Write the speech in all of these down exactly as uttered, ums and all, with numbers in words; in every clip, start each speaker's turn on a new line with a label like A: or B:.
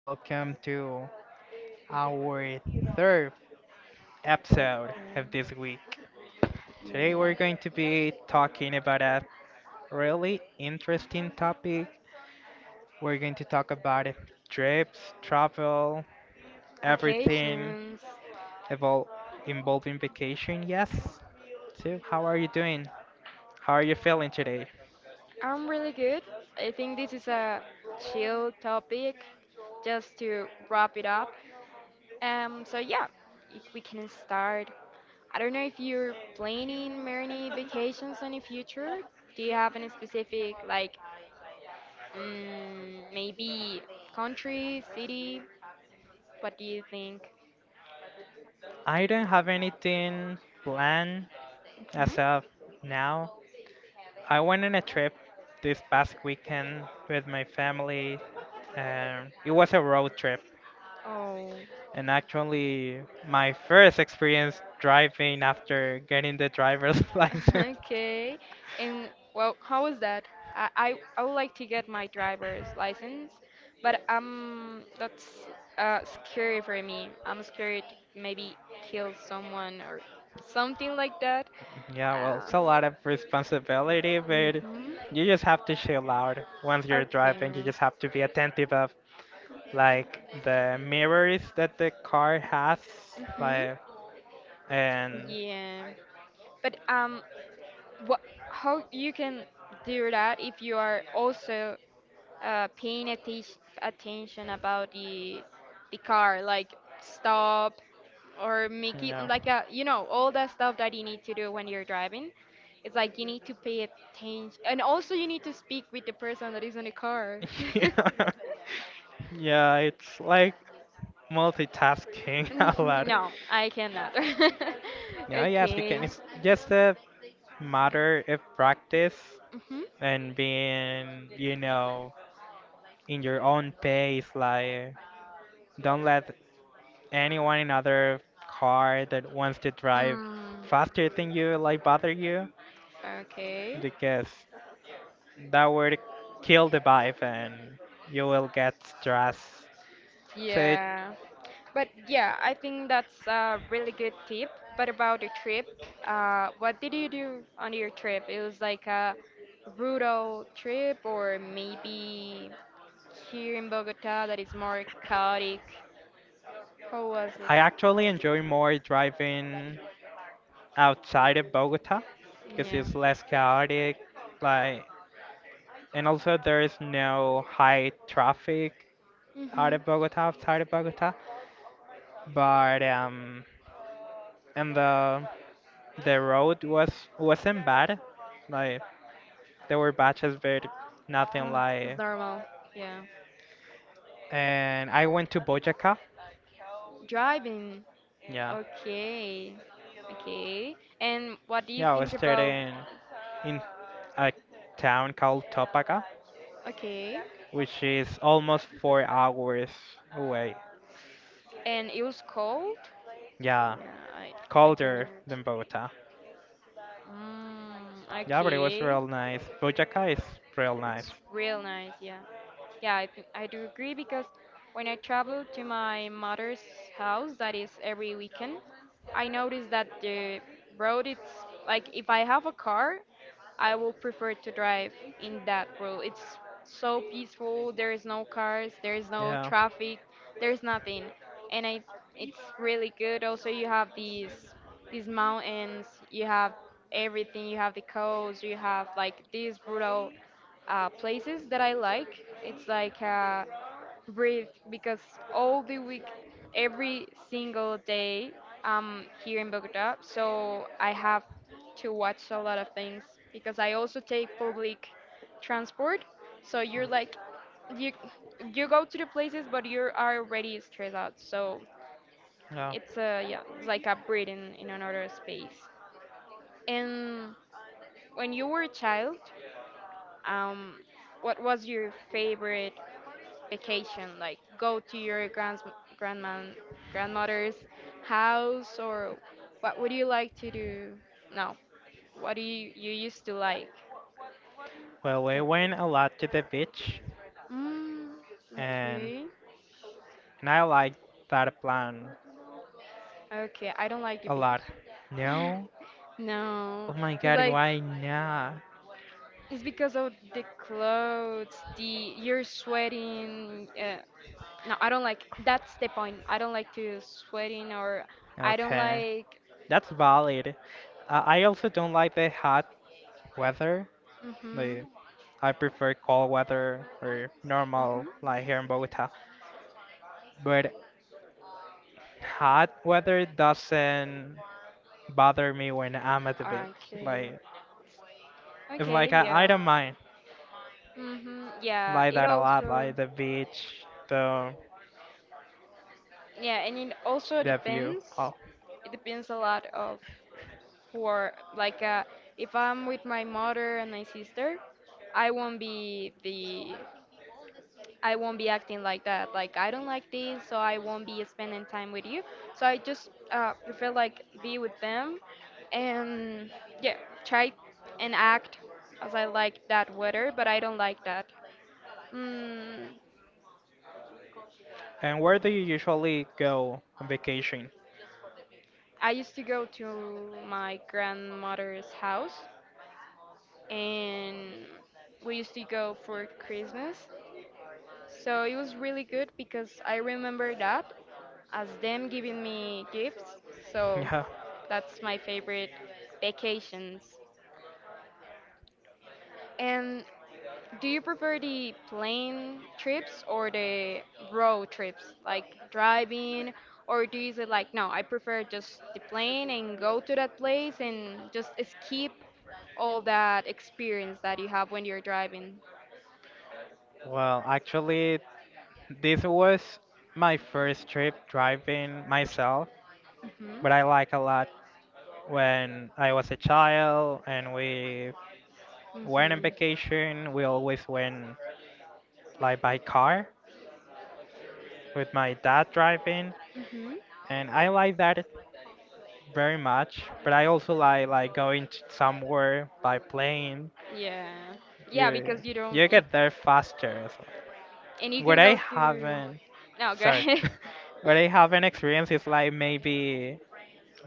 A: Welcome to our third
B: But
A: episode
B: um,
A: of this week. Today, we're going to
B: yeah,
A: be talking about a really interesting topic. We're going to talk about trips, travel, everything
B: vacations.
A: evol- involving vacation. Yes. So, how are you doing? How are you feeling today?
B: I'm really good. I think this is a chill topic just to wrap it up. Um, so yeah, if we can start. I don't know if you're planning many vacations in the future. Do you have any specific, like, mm, maybe country, city? What do you think?
A: I don't have anything planned
B: Hmm.
A: as of now. I went on a trip this past weekend with my family. Um, it was a road trip,
B: Oh.
A: and actually, my first experience driving after getting the driver's license.
B: Okay. And well, how is that? I, I I would like to get my driver's license, but um that's uh scary for me. I'm scared to maybe kill someone or something like that.
A: Yeah, well,
B: Uh,
A: it's a lot of responsibility, but
B: mhm.
A: you just have to chill out once you're driving. You
B: Okay.
A: just have to be attentive of, like, the mirrors that the car has,
B: Mhm.
A: like, and
B: Yeah. But um what how you can do that if you are also uh, paying attis- attention about the the car, like stop or make it
A: Yeah.
B: like a you know all that stuff that you need to do when you're driving. It's like you need to pay attention, and also you need to speak with the person that is in the car.
A: Yeah. Yeah, it's like multitasking a
B: Mhm.
A: lot.
B: No, I cannot.
A: Yeah, yes, you can.
B: Okay.
A: It's just a matter of practice
B: Hmm.
A: and being, you know, in your own pace. Like, don't let anyone in other car that wants to drive
B: Mm,
A: faster than you like bother you
B: okay.
A: because that would kill the vibe and you will get stressed. So it,
B: Yeah. But yeah, I think that's a really good tip. But about the trip, uh, what did you do on your trip? It was like a rural trip, or maybe here in Bogota that is more chaotic. How was it?
A: I actually enjoy more driving outside of Bogota because
B: Yeah.
A: it's less chaotic. Like, and also there is no high traffic out
B: Mhm.
A: of Bogota, outside of Bogota. But um, and the the road was wasn't bad. Like there were batches, but nothing
B: Mm, it's
A: like.
B: normal. Yeah.
A: And I went to Bojaca.
B: Driving.
A: Yeah,
B: Okay. Okay. And what do you
A: yeah. I was
B: think about?
A: studying in a town called Topaca,
B: Okay.
A: which is almost four hours away.
B: And it was cold?
A: Yeah,
B: Yeah, I, I can
A: colder
B: remember.
A: than Bogota.
B: Mm,
A: Yeah, but it was
B: okay.
A: real nice. Bojaca is real nice.
B: It's real nice, yeah. Yeah, I, th- I do agree because when I travel to my mother's house, that is every weekend, I notice that the road it's like if I have a car, I will prefer to drive in that road. It's so peaceful. There is no cars, there is no
A: Yeah.
B: traffic, there is nothing, and I it's really good. Also, you have these these mountains, you have everything, you have the coast, you have like this brutal uh, places that I like. It's like uh, breathe because all the week, every single day, I'm here in Bogota, so I have to watch a lot of things because I also take public transport. So you're like, you you go to the places, but you are already stressed out. So
A: Yeah.
B: it's a yeah, it's like a breathing in another space. And when you were a child, um, what was your favorite vacation, like go to your grand grandma grandmother's house, or what would you like to do? No, what do you you used to like?
A: Well, we
B: Wait.
A: went a lot to the beach,
B: Mm,
A: and
B: okay.
A: and I like that plan
B: Okay, I don't like
A: a
B: the.
A: lot. No?
B: No,
A: Oh my
B: it's
A: God,
B: like
A: why not?
B: it's because of the clothes, the you're sweating. Uh, no, I don't like. That's the point. I don't like to sweating or I don't
A: Okay,
B: like.
A: that's valid. Uh, I also don't like the hot weather.
B: Mhm.
A: The I prefer cold weather or normal,
B: Mhm.
A: like here in Bogota. But hot weather doesn't bother me when I'm at the beach.
B: Okay.
A: Like it's
B: Okay,
A: like I, I
B: yeah.
A: don't mind
B: Mm-hmm. Yeah,
A: like
B: it
A: that a lot,
B: also
A: like the beach, the
B: yeah, and it also
A: the view.
B: depends.
A: Oh,
B: It depends a lot of for like uh, if I'm with my mother and my sister, I won't be the I won't be acting like that. Like I don't like this, so I won't be spending time with you. So I just uh, prefer like be with them and yeah, try and act as I like that weather, but I don't like that. Mm,
A: and where do you usually go on vacation?
B: I used to go to my grandmother's house and we used to go for Christmas. So it was really good because I remember that as them giving me gifts. So
A: Yeah.
B: that's my favorite vacations. And do you prefer the plane trips or the road trips, like driving, or do you say like, no, I prefer just the plane and go to that place and just skip all that experience that you have when you're driving?
A: Well, actually, this was my first trip driving myself,
B: Hmm.
A: but I like a lot. When I was a child and we went on
B: Hmm.
A: vacation, we always went like by car with my dad driving,
B: Hmm.
A: and I like that very much. But I also like like going to somewhere by plane.
B: Yeah. Yeah,
A: You
B: because you don't
A: you
B: you,
A: get there faster. So.
B: and you
A: What
B: can
A: I
B: go to
A: haven't,
B: no, go
A: sorry,
B: ahead.
A: what I haven't experienced is like maybe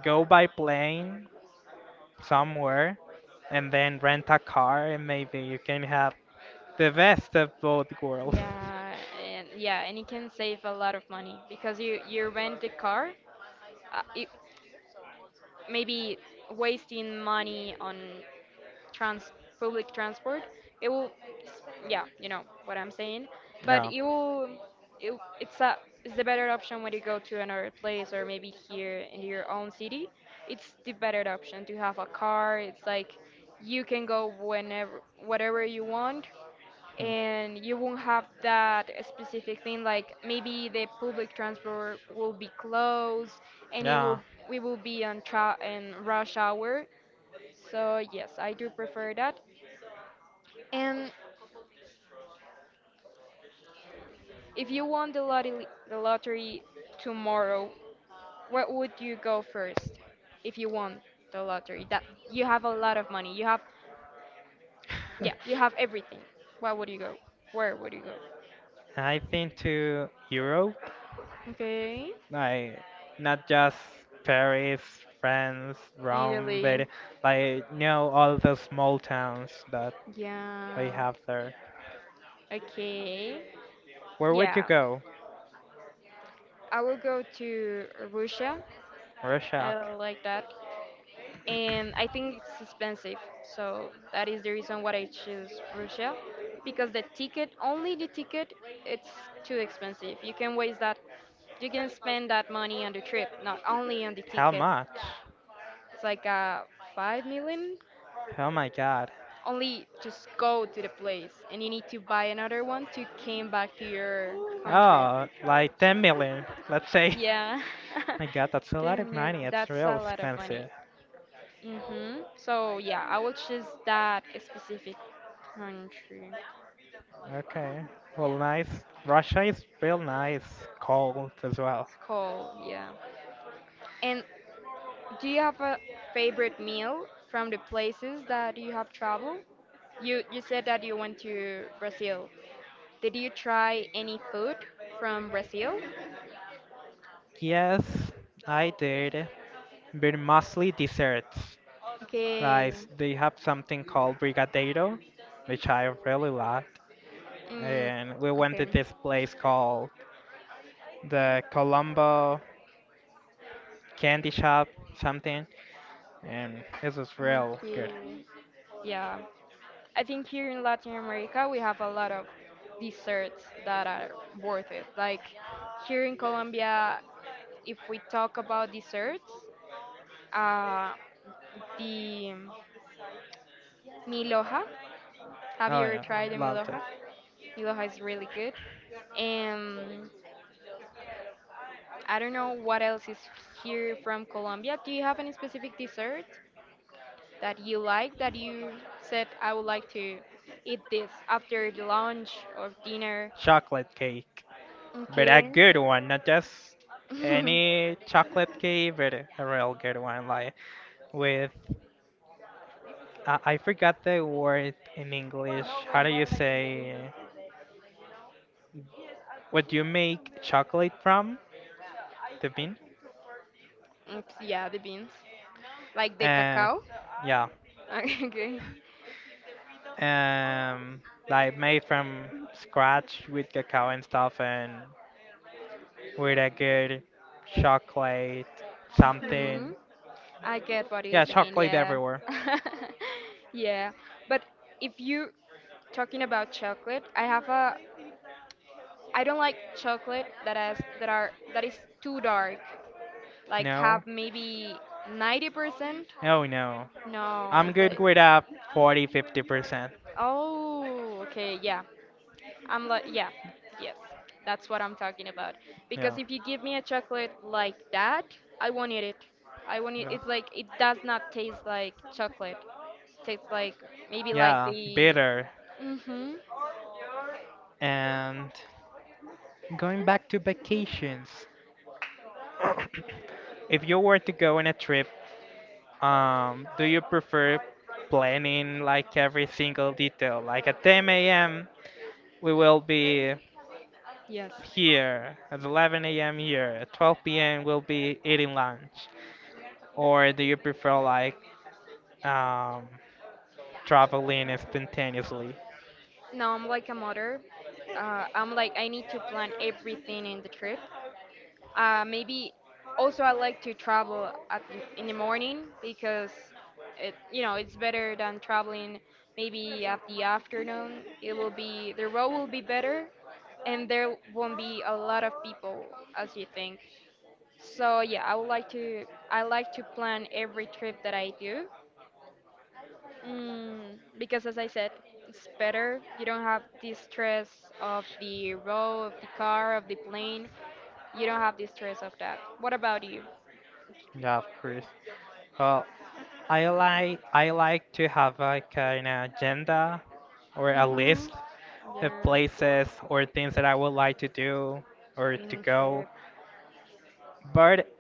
A: go by plane somewhere and then rent a car and maybe you can have the best of both worlds.
B: Yeah, and yeah, and it can save a lot of money because you you rent the car, uh, it, maybe wasting money on trans public transport. It will, s- yeah, you know what I'm saying. But
A: Yeah.
B: you will, it, it's a it's the better option when you go to another place or maybe here in your own city. It's the better option to have a car. It's like you can go whenever, whatever you want and you won't have that specific thing like maybe the public transport will be closed
A: Hmm.
B: and it
A: Yeah.
B: will we will be on tra- in rush hour, so yes, I do prefer that. And if you won the lottery the lottery tomorrow, where would you go first if you won the lottery, that you have a lot of money, you have yeah, you have everything, where would you go? where would you go
A: I've been to Europe,
B: okay.
A: like not just Paris, France, Rome,
B: Italy.
A: but like know all the small towns that we
B: Yeah.
A: have there.
B: Okay.
A: Where would you
B: Yeah.
A: go?
B: I will go to Russia. I
A: Russia.
B: like that. And I think it's expensive. So that is the reason why I choose Russia. Because the ticket, only the ticket, it's too expensive. You can waste that, you can spend that money on the trip, not only on the
A: How
B: ticket.
A: much?
B: It's like uh, five million.
A: Oh my God.
B: Only just go to the place and you need to buy another one to came back to your country.
A: Oh, like ten million, let's say.
B: Yeah.
A: My God, that's a lot
B: Ten
A: of
B: mil-
A: money. It's
B: That's
A: real
B: a lot of money.
A: expensive.
B: Mhm. So yeah, I will choose that specific country.
A: Okay. Well, nice. Russia is real nice, cold as well.
B: It's cold, yeah. And do you have a favorite meal from the places that you have traveled? You you said that you went to Brazil. Did you try any food from Brazil?
A: Yes, I did, but mostly desserts. Like
B: Okay.
A: they have something called brigadeiro, which I really liked,
B: Mm,
A: and we went to
B: okay.
A: this place called the Colombo candy shop, something, and this was real good.
B: Okay. Yeah. I think here in Latin America we have a lot of desserts that are worth it. Like here in Colombia, if we talk about desserts, uh, the miloja. Have you
A: Oh
B: ever
A: yeah,
B: tried the
A: I loved it.
B: miloja? Miloja is really good. And I don't know what else is here from Colombia. Do you have any specific dessert that you like that you said I would like to eat this after the lunch or dinner?
A: Chocolate cake, but a
B: Okay.
A: good one, not just any chocolate cake, but a real good one, like with I I forgot the word in English. How do you say what you make chocolate from? The bean?
B: Mm, yeah, the beans. Like the
A: Uh,
B: cacao.
A: yeah.
B: Okay.
A: Um, like made from scratch with cacao and stuff and with a good chocolate,
B: Hmm.
A: something.
B: I get what you're
A: Yeah,
B: saying,
A: chocolate
B: yeah.
A: everywhere.
B: Yeah. But if you talking about chocolate, I have a I don't like chocolate that has that are that is too dark. Like
A: No?
B: have maybe ninety percent?
A: Oh no.
B: No,
A: I'm
B: it's
A: good
B: like
A: with a forty fifty percent
B: oh, okay, yeah. I'm like, yeah, yes, that's what I'm talking about.
A: Yeah.
B: Because if you give me a chocolate like that, I won't eat it. I won't eat.
A: Yeah.
B: It's like it does not taste like chocolate. It tastes like maybe like
A: Yeah,
B: the.
A: bitter.
B: Mhm.
A: And going back to vacations, if you were to go on a trip, um, do you prefer planning like every single detail, like at ten a m. we will be
B: Yes.
A: here, at eleven a m here, at twelve p m we'll be eating lunch. Or do you prefer, like um, traveling spontaneously?
B: No, I'm like a mother. Uh, I'm like I need to plan everything in the trip. Uh, maybe also I like to travel at the, in the morning because it you know it's better than traveling maybe at the afternoon. It will be the road will be better, and there won't be a lot of people as you think. So yeah, I would like to I like to plan every trip that I do. Mm, because as I said, it's better. You don't have the stress of the road, of the car, of the plane. You don't have the stress of that. What about you?
A: Yeah, of course. Well, I like I like to have like an agenda or a
B: Mm-hmm.
A: list of
B: Yeah,
A: places or things that I would like to do or to
B: in
A: go,
B: trip.
A: but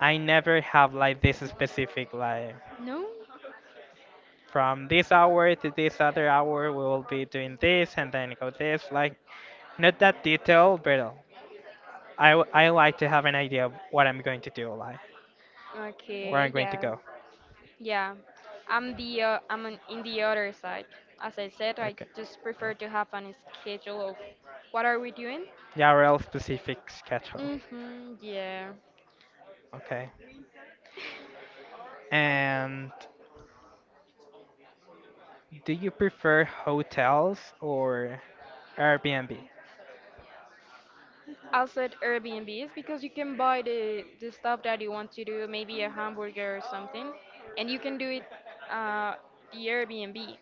A: I never have like this specific like
B: No?
A: from this hour to this other hour we will be doing this and then go this, like, not that detail, but i, w- I like to have an idea of what I'm going to do, like where
B: Okay,
A: I'm going to
B: yeah.
A: go.
B: Yeah. I'm the uh, I'm on, in the other side. As I said, I
A: Okay,
B: just prefer to have an schedule of what are we doing?
A: yeah, real specific schedule.
B: Mm-hmm, yeah.
A: Okay, and do you prefer hotels or Airbnb?
B: Also, will set Airbnbs because you can buy the, the stuff that you want to do, maybe a hamburger or something, and you can do it uh, the Airbnb.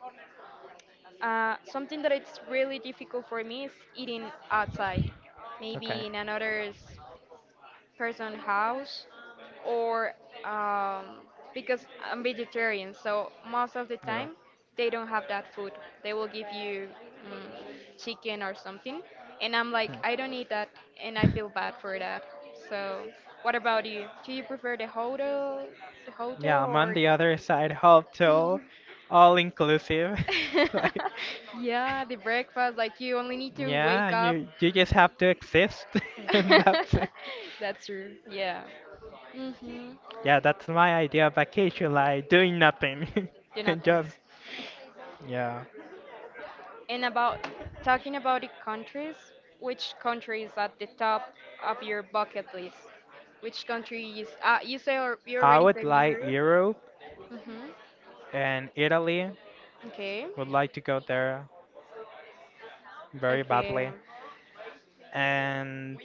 B: Uh, something that it's really difficult for me is eating outside,
A: Okay.
B: maybe in another s- person house or um, because I'm vegetarian, so most of the
A: Yeah.
B: time they don't have that food. They will give you mm, chicken or something, and I'm like, I don't eat that, and I feel bad for that. So, what about you? Do you prefer the hotel, the hotel,
A: Yeah, I'm on
B: or
A: the other side, hotel, all inclusive. Like, yeah,
B: yeah, the breakfast? Like you only need to
A: yeah,
B: wake up.
A: you you just have to exist, and that's it.
B: That's true. Yeah. Mhm.
A: Yeah, that's my idea of vacation, like doing nothing. and
B: Jonathan.
A: just, yeah.
B: And about talking about the countries, which country is at the top of your bucket list? Which country is? Uh, you say or you
A: I
B: already
A: would
B: said
A: like
B: Europe.
A: Europe
B: Mhm.
A: and Italy.
B: Okay.
A: Would like to go there very
B: Okay.
A: badly. And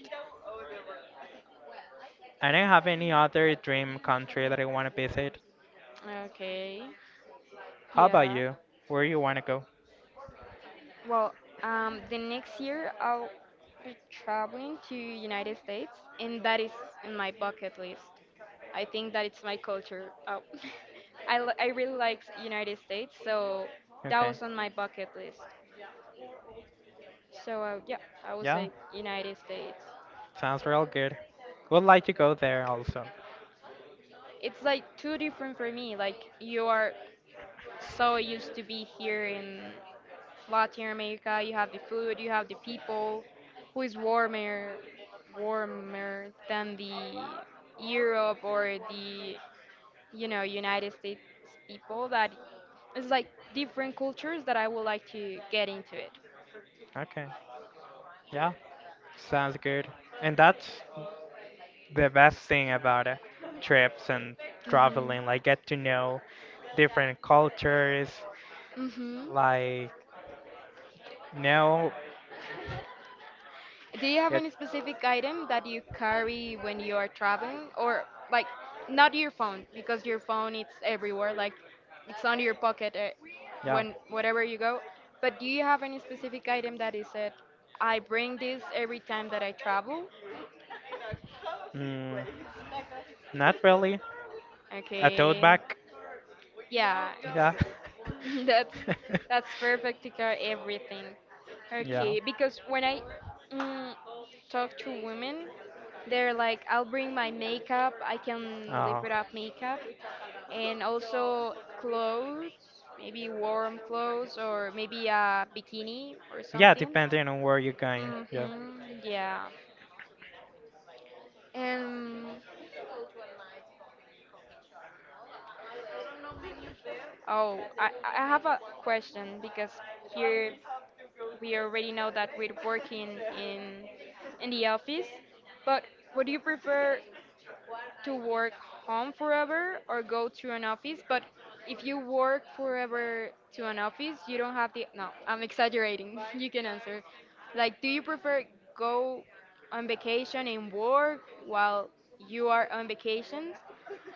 A: I don't have any other dream country that I want to visit.
B: Okay.
A: How about
B: Yeah.
A: you? Where you want to go?
B: Well, um, the next year I'll be traveling to United States, and that is in my bucket list. I think that it's my culture. Oh, I, li- I really like United States, so that
A: Okay.
B: was on my bucket list. So uh, yeah, I would
A: Yeah.
B: say United States.
A: Sounds real good. Would like to go there also.
B: It's like too different for me. Like you are so used to be here in Latin America. You have the food, you have the people, who is warmer, warmer than the Europe or the you know United States people. That it's like different cultures that I would like to get into it.
A: Okay. Yeah. Sounds good. And that's the best thing about uh, trips and
B: Mhm.
A: traveling. Like get to know different cultures.
B: Mhm.
A: Like know
B: Do you have
A: it.
B: any specific item that you carry when you are traveling or like not your phone because your phone it's everywhere like it's on your pocket eh,
A: Yeah.
B: when wherever you go but do you have any specific item that is said I bring this every time that I travel?
A: Mm, not really. A tote
B: Okay.
A: bag.
B: Yeah,
A: Yeah.
B: it's… That's that's perfect to cover everything.
A: Yeah.
B: Okay, because when I mm, talk to women, they're like, I'll bring my makeup. I can live
A: Oh.
B: without makeup, and also clothes, maybe warm clothes or maybe a bikini or
A: Yeah,
B: something.
A: depending on where you're going. Yeah.
B: Mhm. Yeah. And oh, I I have a question because here we already know that we're working in in the office, but would you prefer to work home forever or go to an office? But if you work forever to an office, you don't have the… no, I'm exaggerating. You can answer. Like, do you prefer go on vacation and work while you are on vacations?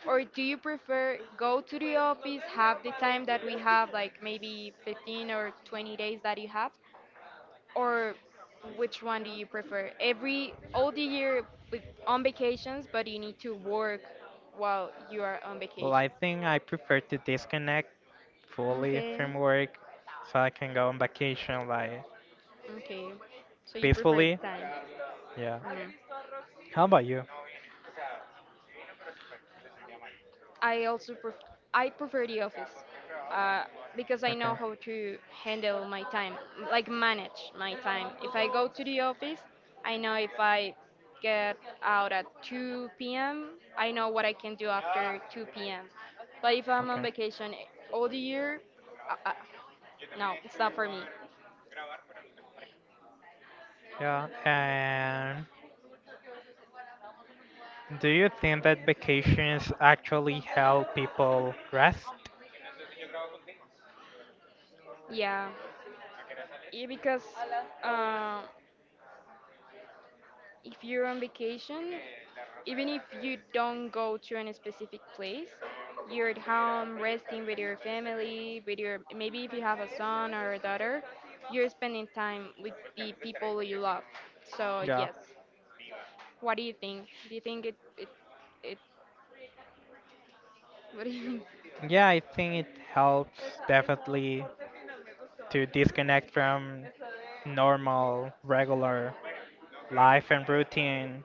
B: Or do you prefer go to the office, have the time that we have, like maybe fifteen or twenty days that you have, or which one do you prefer? Every all the year with on vacations, but you need to work while you are on
A: Well,
B: vacation.
A: I think I prefer to disconnect fully
B: Okay.
A: from work so I can go on vacation like
B: Okay. So you prefer the
A: peacefully.
B: time.
A: Yeah.
B: Mm.
A: How about you?
B: I also pref- I prefer the office uh, because I know
A: Okay.
B: how to handle my time, like manage my time. If I go to the office, I know if I get out at two p m, I know what I can do after two p m. But if I'm on
A: Okay.
B: vacation all the year, uh, uh, no, it's not for me.
A: Yeah. And do you think that vacations actually help people rest?
B: Yeah, yeah, because… um if you're on vacation, even if you don't go to any specific place, you're at home resting with your family, with your… maybe if you have a son or a daughter, you're spending time with the people you love. So
A: Yeah.
B: yes, what do you think? Do you think it it it? What do you think?
A: Yeah, I think it helps definitely to disconnect from normal, regular life and routine,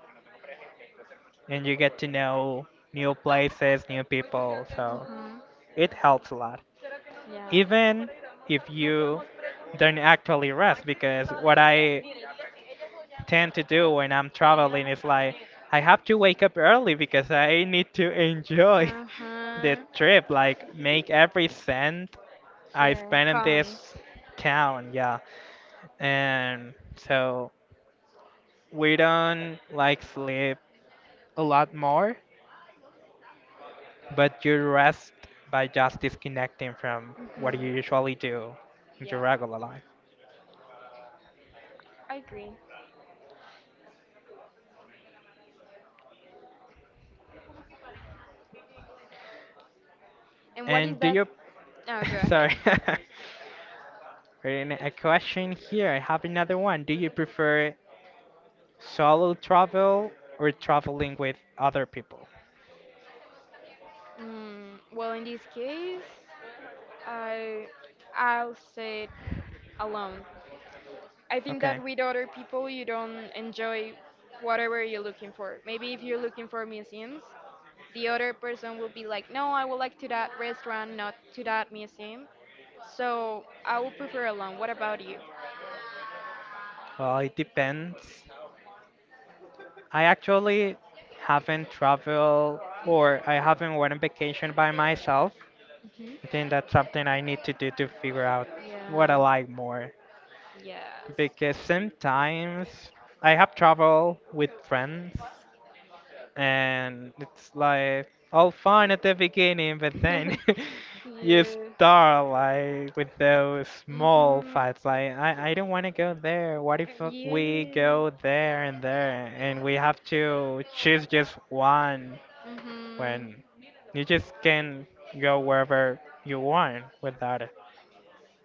A: and you get to know new places, new people. So
B: Mhm.
A: it helps a lot,
B: Yeah.
A: even if you don't actually rest. Because what I tend to do when I'm traveling is like I have to wake up early because I need to enjoy
B: Uh
A: the
B: huh.
A: trip, like make every cent I
B: Here
A: spend
B: it
A: in
B: comes.
A: this town. Yeah, and so we don't like sleep a lot more, but you rest by just disconnecting from what
B: Hmm.
A: you usually do in
B: Yeah,
A: your regular life.
B: I agree. And what is
A: And do
B: that?
A: you,
B: Oh, go ahead.
A: sorry, reading a question here. I have another one. Do you prefer solo travel or traveling with other people?
B: Mm, well, in this case, I I'll say it alone. I think that
A: Okay.
B: with other people, you don't enjoy whatever you're looking for. Maybe if you're looking for museums, the other person will be like, "No, I would like to that restaurant, not to that museum." So I will prefer alone. What about you?
A: Well, it depends. I actually haven't traveled or I haven't went on vacation by myself. I
B: Hmm.
A: think that's something I need to do to figure out what I
B: Yeah.
A: like more.
B: Yes.
A: Because sometimes I have traveled with friends and it's like all fine at the beginning, but then you
B: Yeah.
A: start like with those small
B: Hmm.
A: fights. Like I, I don't want to go there. What if uh, we
B: Yeah.
A: go there and there, and we have to choose just one
B: Hmm.
A: when you just can go wherever you want without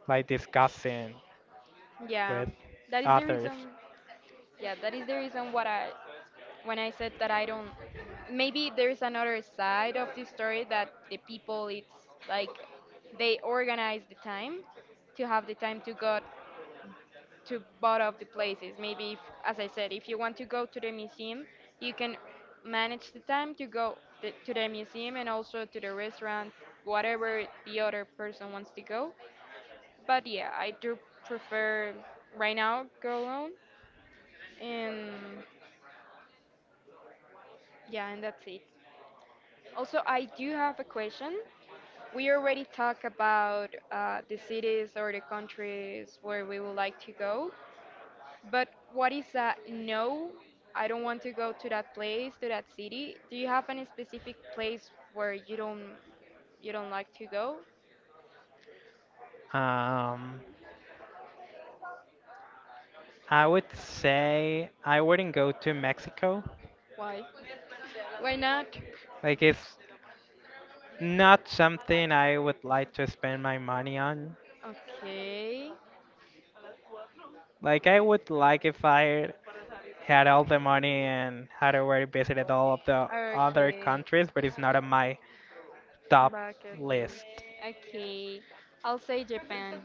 A: like discussing
B: Yeah.
A: with
B: That is the
A: others.
B: reason. Yeah, that is the reason what I… when I said that I don't… maybe there's another side of the story that the people it's like they organize the time to have the time to go to both of the places. Maybe, if, as I said, if you want to go to the museum, you can manage the time to go th- to the museum and also to the restaurant, whatever the other person wants to go. But yeah, I do prefer right now go alone, and yeah, and that's it. Also, I do have a question. We already talked about uh, the cities or the countries where we would like to go, but what is a no? I don't want to go to that place, to that city. Do you have any specific place where you don't you don't like to go?
A: Um, I would say I wouldn't go to Mexico.
B: Why? Why not?
A: Like it's not something I would like to spend my money on.
B: Okay.
A: Like I would like if I had all the money and had already visited all of the other
B: Okay.
A: countries, but it's not on my top
B: Bucket list.
A: list.
B: Okay. I'll say Japan.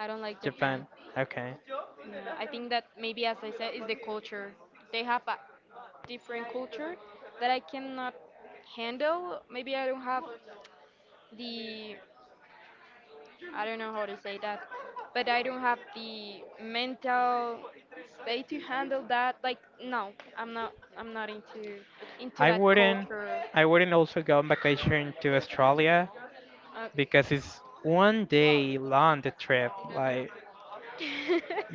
B: I don't like Japan.
A: Japan. Okay.
B: Yeah, I think that maybe as I said is the culture. They have a different culture that I cannot handle. Maybe I don't have the, I don't know how to say that, but I don't have the mental state to handle that. Like, no, I'm not, I'm not into, into
A: I
B: that
A: wouldn't
B: culture.
A: I wouldn't also go on vacation to Australia
B: Uh,
A: because it's one day long the trip. Like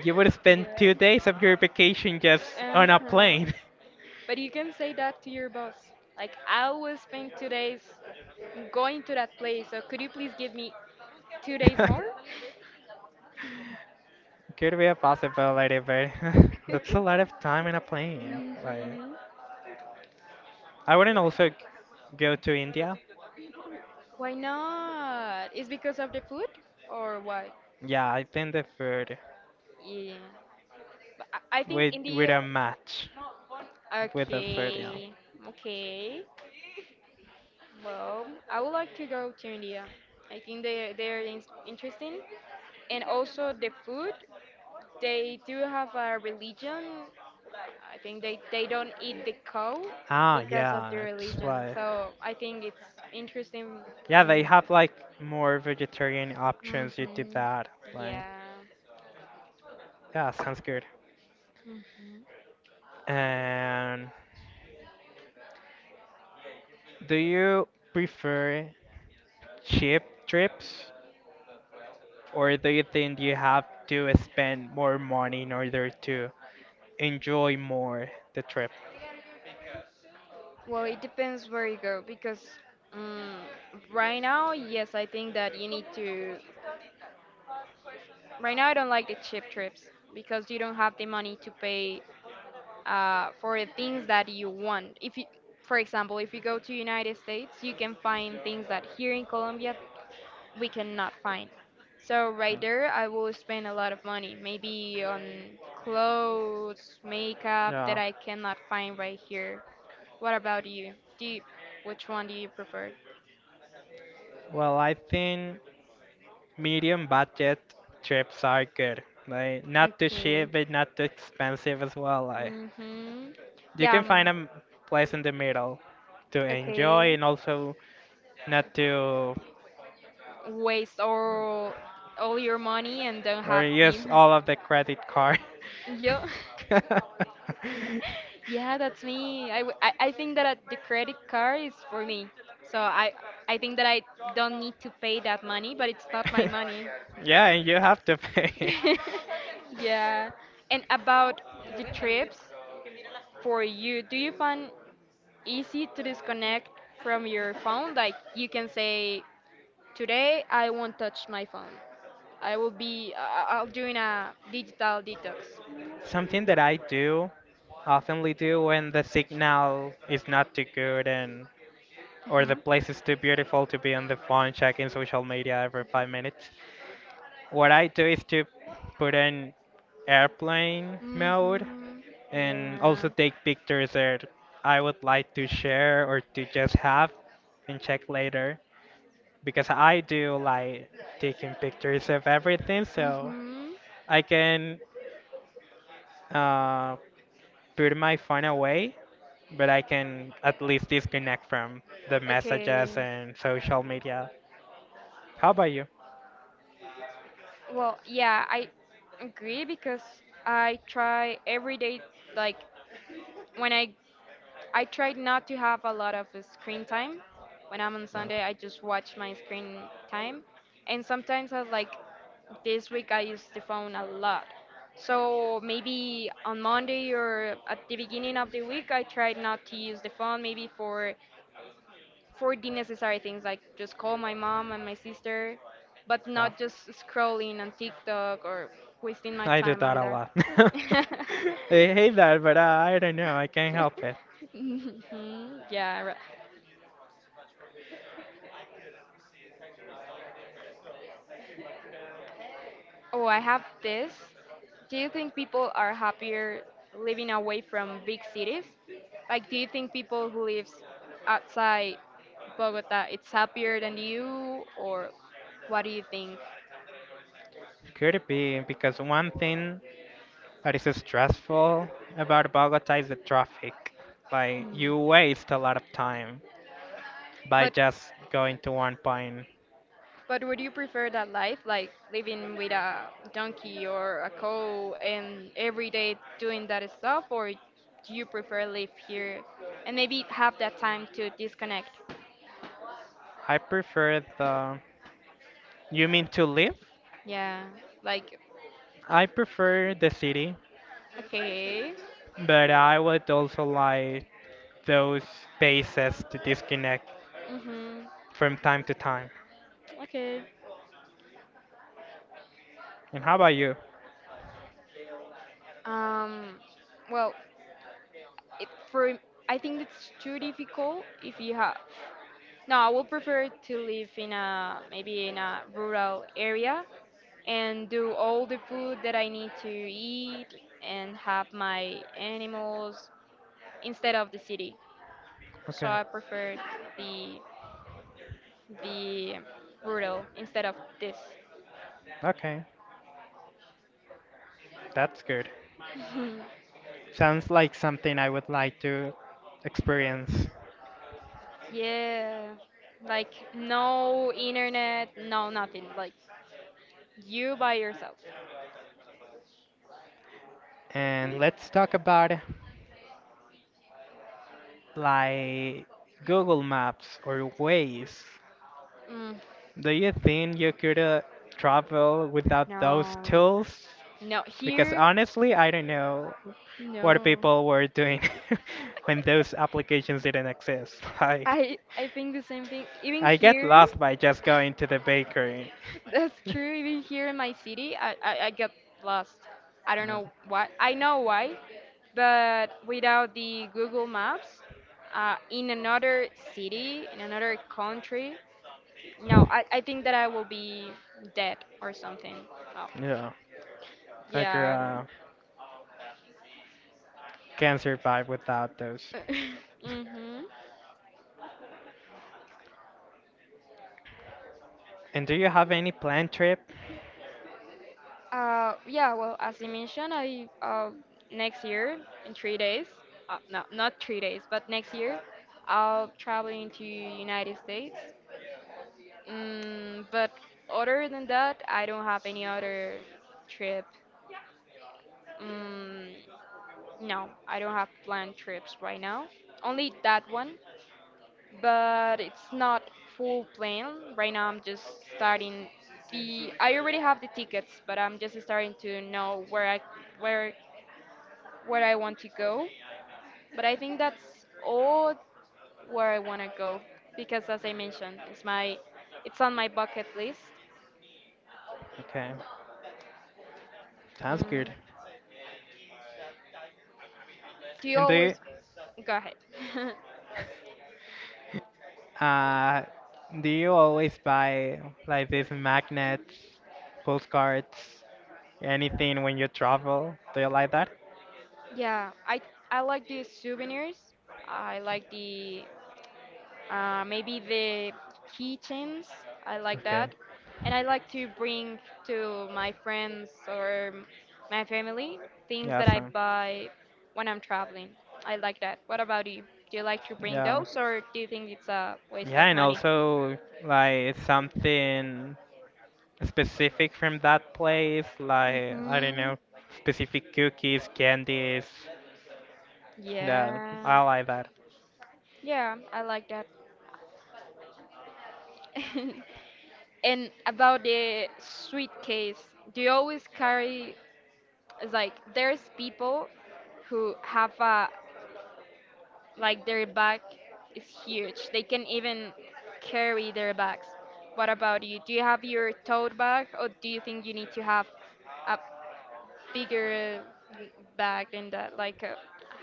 A: you would spend
B: yeah.
A: two days of your vacation just on a
B: Uh-huh.
A: plane.
B: But you can say that to your boss. Like, I will spend two days going to that place, so could you please give me two days more?
A: Could be a possibility, but that's a lot of time in a plane. Like,
B: Hmm.
A: I wouldn't also g- go to India.
B: Why not? Is because of the food or why?
A: Yeah, I think the food
B: Yeah. But I I think
A: with with a
B: India.
A: match with the food. Yeah.
B: Okay. Okay. Well, I would like to go to India. I think they they're in- interesting, and also the food. They do have a religion… I think they, they don't eat the cow
A: Ah,
B: because of their
A: yeah, it's
B: religion.
A: like
B: So I think it's interesting
A: yeah, they
B: and
A: have like more vegetarian options. You do
B: hmm
A: that, like.
B: yeah.
A: Yeah, sounds good.
B: Hmm.
A: And do you prefer cheap trips or do you think you have to spend more money in order to enjoy more the trip?
B: Well, it depends where you go because um, right now, yes, I think that you need to. Right now, I don't like the cheap trips because you don't have the money to pay uh, for the things that you want. If you, for example, if you go to United States, you can find things that here in Colombia we cannot find. So right there, I will spend a lot of money, maybe on clothes, makeup that
A: Yeah.
B: I cannot find right here. What about you? Do you, which one do you prefer?
A: Well, I think medium budget trips are good. Like not too
B: Okay.
A: cheap, but not too expensive as well. Like
B: Mhm.
A: you
B: Yeah.
A: can find
B: Mm.
A: a m- place in the middle to enjoy
B: Okay.
A: and also not to
B: Waste all all your money and don't
A: or
B: have
A: use
B: them.
A: all of the credit card.
B: Yeah. Yeah, that's me. I, w- I, I think that uh, the credit card is for me. So I I think that I don't need to pay that money, but it's not my money.
A: Yeah, and you have to pay.
B: Yeah. And about the trips for you, do you find easy to disconnect from your phone? Like you can say, today I won't touch my phone. I will be I- I'll doing a digital detox.
A: Something that I do, oftenly do when the signal is not too good and or the
B: Mhm.
A: place is too beautiful to be on the phone checking social media every five minutes. What I do is to put in airplane mode
B: Mhm.
A: and also
B: Yeah.
A: take pictures that I would like to share or to just have and check later because I do like taking pictures of everything so
B: Mm-hmm.
A: I can uh, put my phone away but I can at least disconnect from the messages
B: Okay.
A: and social media. How about you?
B: Well, yeah, I agree because I try every day, like when I I try not to have a lot of screen time. When I'm on
A: No.
B: Sunday, I just watch my screen time. And sometimes I like, this week I used the phone a lot. So maybe on Monday or at the beginning of the week, I tried not to use the phone, maybe for for the necessary things like just call my mom and my sister, but
A: Yeah,
B: not just scrolling on TikTok or wasting my
A: I do
B: time
A: that
B: on
A: a
B: that.
A: lot. I hate that, but uh, I don't know. I can't help it.
B: Mhm, yeah, right. Oh, I have this. Do you think people are happier living away from big cities? Like, do you think people who lives outside Bogota it's happier than you, or what do you think?
A: Could it be because one thing that is stressful about Bogota is the traffic. Like
B: Hmm.
A: you waste a lot of time by
B: But
A: just going to one point.
B: but would you prefer that life, like living with a donkey or a cow and every day doing that stuff, or do you prefer live here and maybe have that time to disconnect?
A: I prefer the You mean to live?
B: Yeah, like…
A: I prefer the city,
B: Okay.
A: but I would also like those spaces to disconnect
B: Mhm.
A: from time to time.
B: Okay.
A: And how about you?
B: Um. Well, it, for… I think it's too difficult if you have… no, I would prefer to live in a maybe in a rural area and do all the food that I need to eat and have my animals instead of the city. So
A: Okay,
B: I prefer the the rural instead of this.
A: okay, that's good. Sounds like something I would like to experience.
B: Yeah, like no internet, no nothing. Like you by yourself.
A: And let's talk about like Google Maps or Waze.
B: Mm,
A: Do you think you could uh, travel without those
B: no,
A: tools?
B: no
A: Because
B: here,
A: honestly, I don't know what
B: no.
A: people were doing when those applications didn't exist. Like,
B: I I think the same thing. Even
A: I get
B: here,
A: lost by just going to the bakery.
B: that's true. Even here in my city, I I, I get lost. I don't
A: No.
B: know why. I know why, but without the Google Maps, uh, in another city, in another country, no, I, I think that I will be dead or something. Oh,
A: Yeah, like you
B: yeah.
A: uh, can survive without those.
B: Mhm.
A: And do you have any planned trip?
B: Uh, yeah. Well, as I mentioned, I uh next year in three days. Uh, no, not three days, but next year, I'll traveling to United States. Mm, but other than that, I don't have any other trip. Mm, no, I don't have planned trips right now. Only that one, but it's not full plan. Right now, I'm just starting the… I already have the tickets, but I'm just starting to know where I where where I want to go. But I think that's all where I want to go because, as I mentioned, it's my… it's on my bucket list.
A: Okay, sounds good.
B: Mm. Do you
A: And do you?
B: always… go ahead?
A: Uh, do you always buy like these magnets, postcards, anything when you travel? Do you like that?
B: Yeah, I I like the souvenirs. I like the uh, maybe the keychains. I like that,
A: Okay.
B: and I like to bring to my friends or my family things
A: Yeah,
B: that I
A: so,
B: buy when I'm traveling. I like that. What about you? Do you like to bring
A: yeah.
B: those, or do you think it's a waste
A: Yeah,
B: of
A: and
B: money?
A: also like something specific from that place, like I don't
B: Hmm.
A: know, specific cookies, candies, Yeah,
B: Yeah.
A: I like that.
B: Yeah, I like that. And about the suitcase, do you always carry… it's like there's people who have a like their back is huge. They can even carry their bags. What about you? Do you have your tote bag or do you think you need to have a bigger uh, bag than that? Like I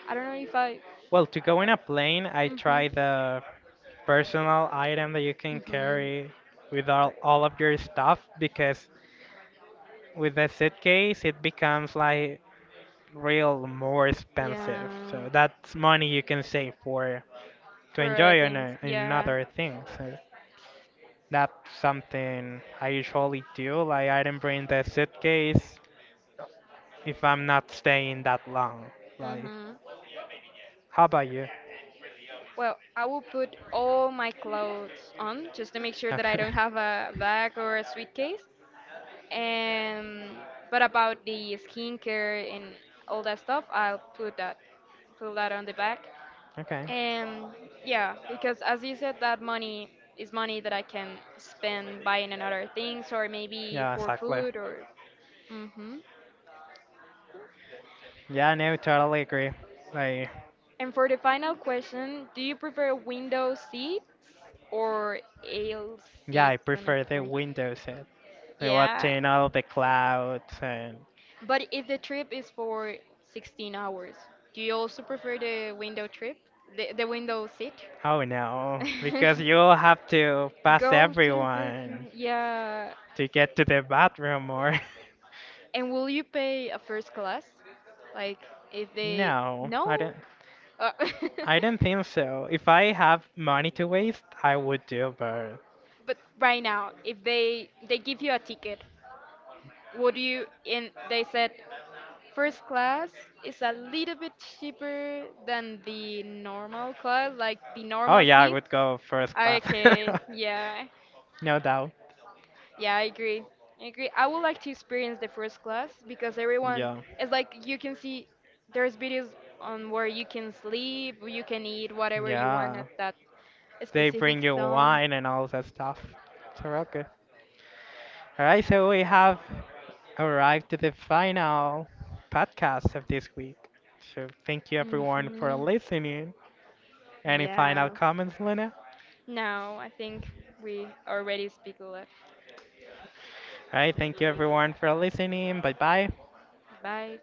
B: I don't know if I…
A: Well, to go in a plane, I
B: Mhm.
A: try the personal item that you can
B: Mhm.
A: carry with all,
B: Right.
A: all of your stuff because with the suitcase, it becomes like real more expensive.
B: Yeah.
A: So that's money you can save for to
B: For other
A: enjoy on,
B: things.
A: a, on
B: Yeah.
A: other things. So that's something I usually do. Like, I don't bring the suitcase if I'm not staying that long. Like,
B: Mhm.
A: how about you?
B: Well, I will put all my clothes on just to make sure that I
A: Okay.
B: don't have a bag or a suitcase. And but about the skincare and all that stuff, I'll put that put that on the back.
A: Okay.
B: And yeah, because as you said, that money is money that I can spend buying another things or maybe
A: Yeah,
B: for
A: exactly.
B: food or… Hmm.
A: Yeah, no, totally agree. Like,
B: And for the final question, do you prefer window seats or aisle
A: yeah, I
B: seats on a
A: prefer the
B: plane?
A: Windows set. Like
B: Yeah.
A: watching all the clouds and
B: But if the trip is for sixteen hours, do you also prefer the window trip? The, the window seat?
A: oh no, because you'll have to pass
B: Go to the
A: everyone
B: bathroom. Yeah.
A: to get to the bathroom or.
B: And will you pay a first class? Like, if they…
A: No,
B: No?
A: I don't.
B: Uh,
A: I don't think so. If I have money to waste, I would do, but
B: but right now, if they they give you a ticket, would you… And they said first class is a little bit cheaper than the normal class, like the
A: oh
B: normal
A: yeah, I
B: seat.
A: would go first class.
B: Okay, yeah,
A: No doubt.
B: yeah, I agree. I agree. I would like to experience the first class because everyone,
A: Yeah.
B: it's like you can see there's videos on where you can sleep, you can eat whatever you want
A: Yeah.
B: at that
A: They bring
B: specific
A: you
B: zone.
A: wine and all that stuff. So real good. All right, so we have arrived to the final podcast of this week. So thank you everyone for
B: Hmm.
A: listening. Any final
B: Yeah.
A: comments, Luna?
B: Now I think we already speak a lot.
A: All right, thank you everyone for listening. Bye bye.
B: Bye.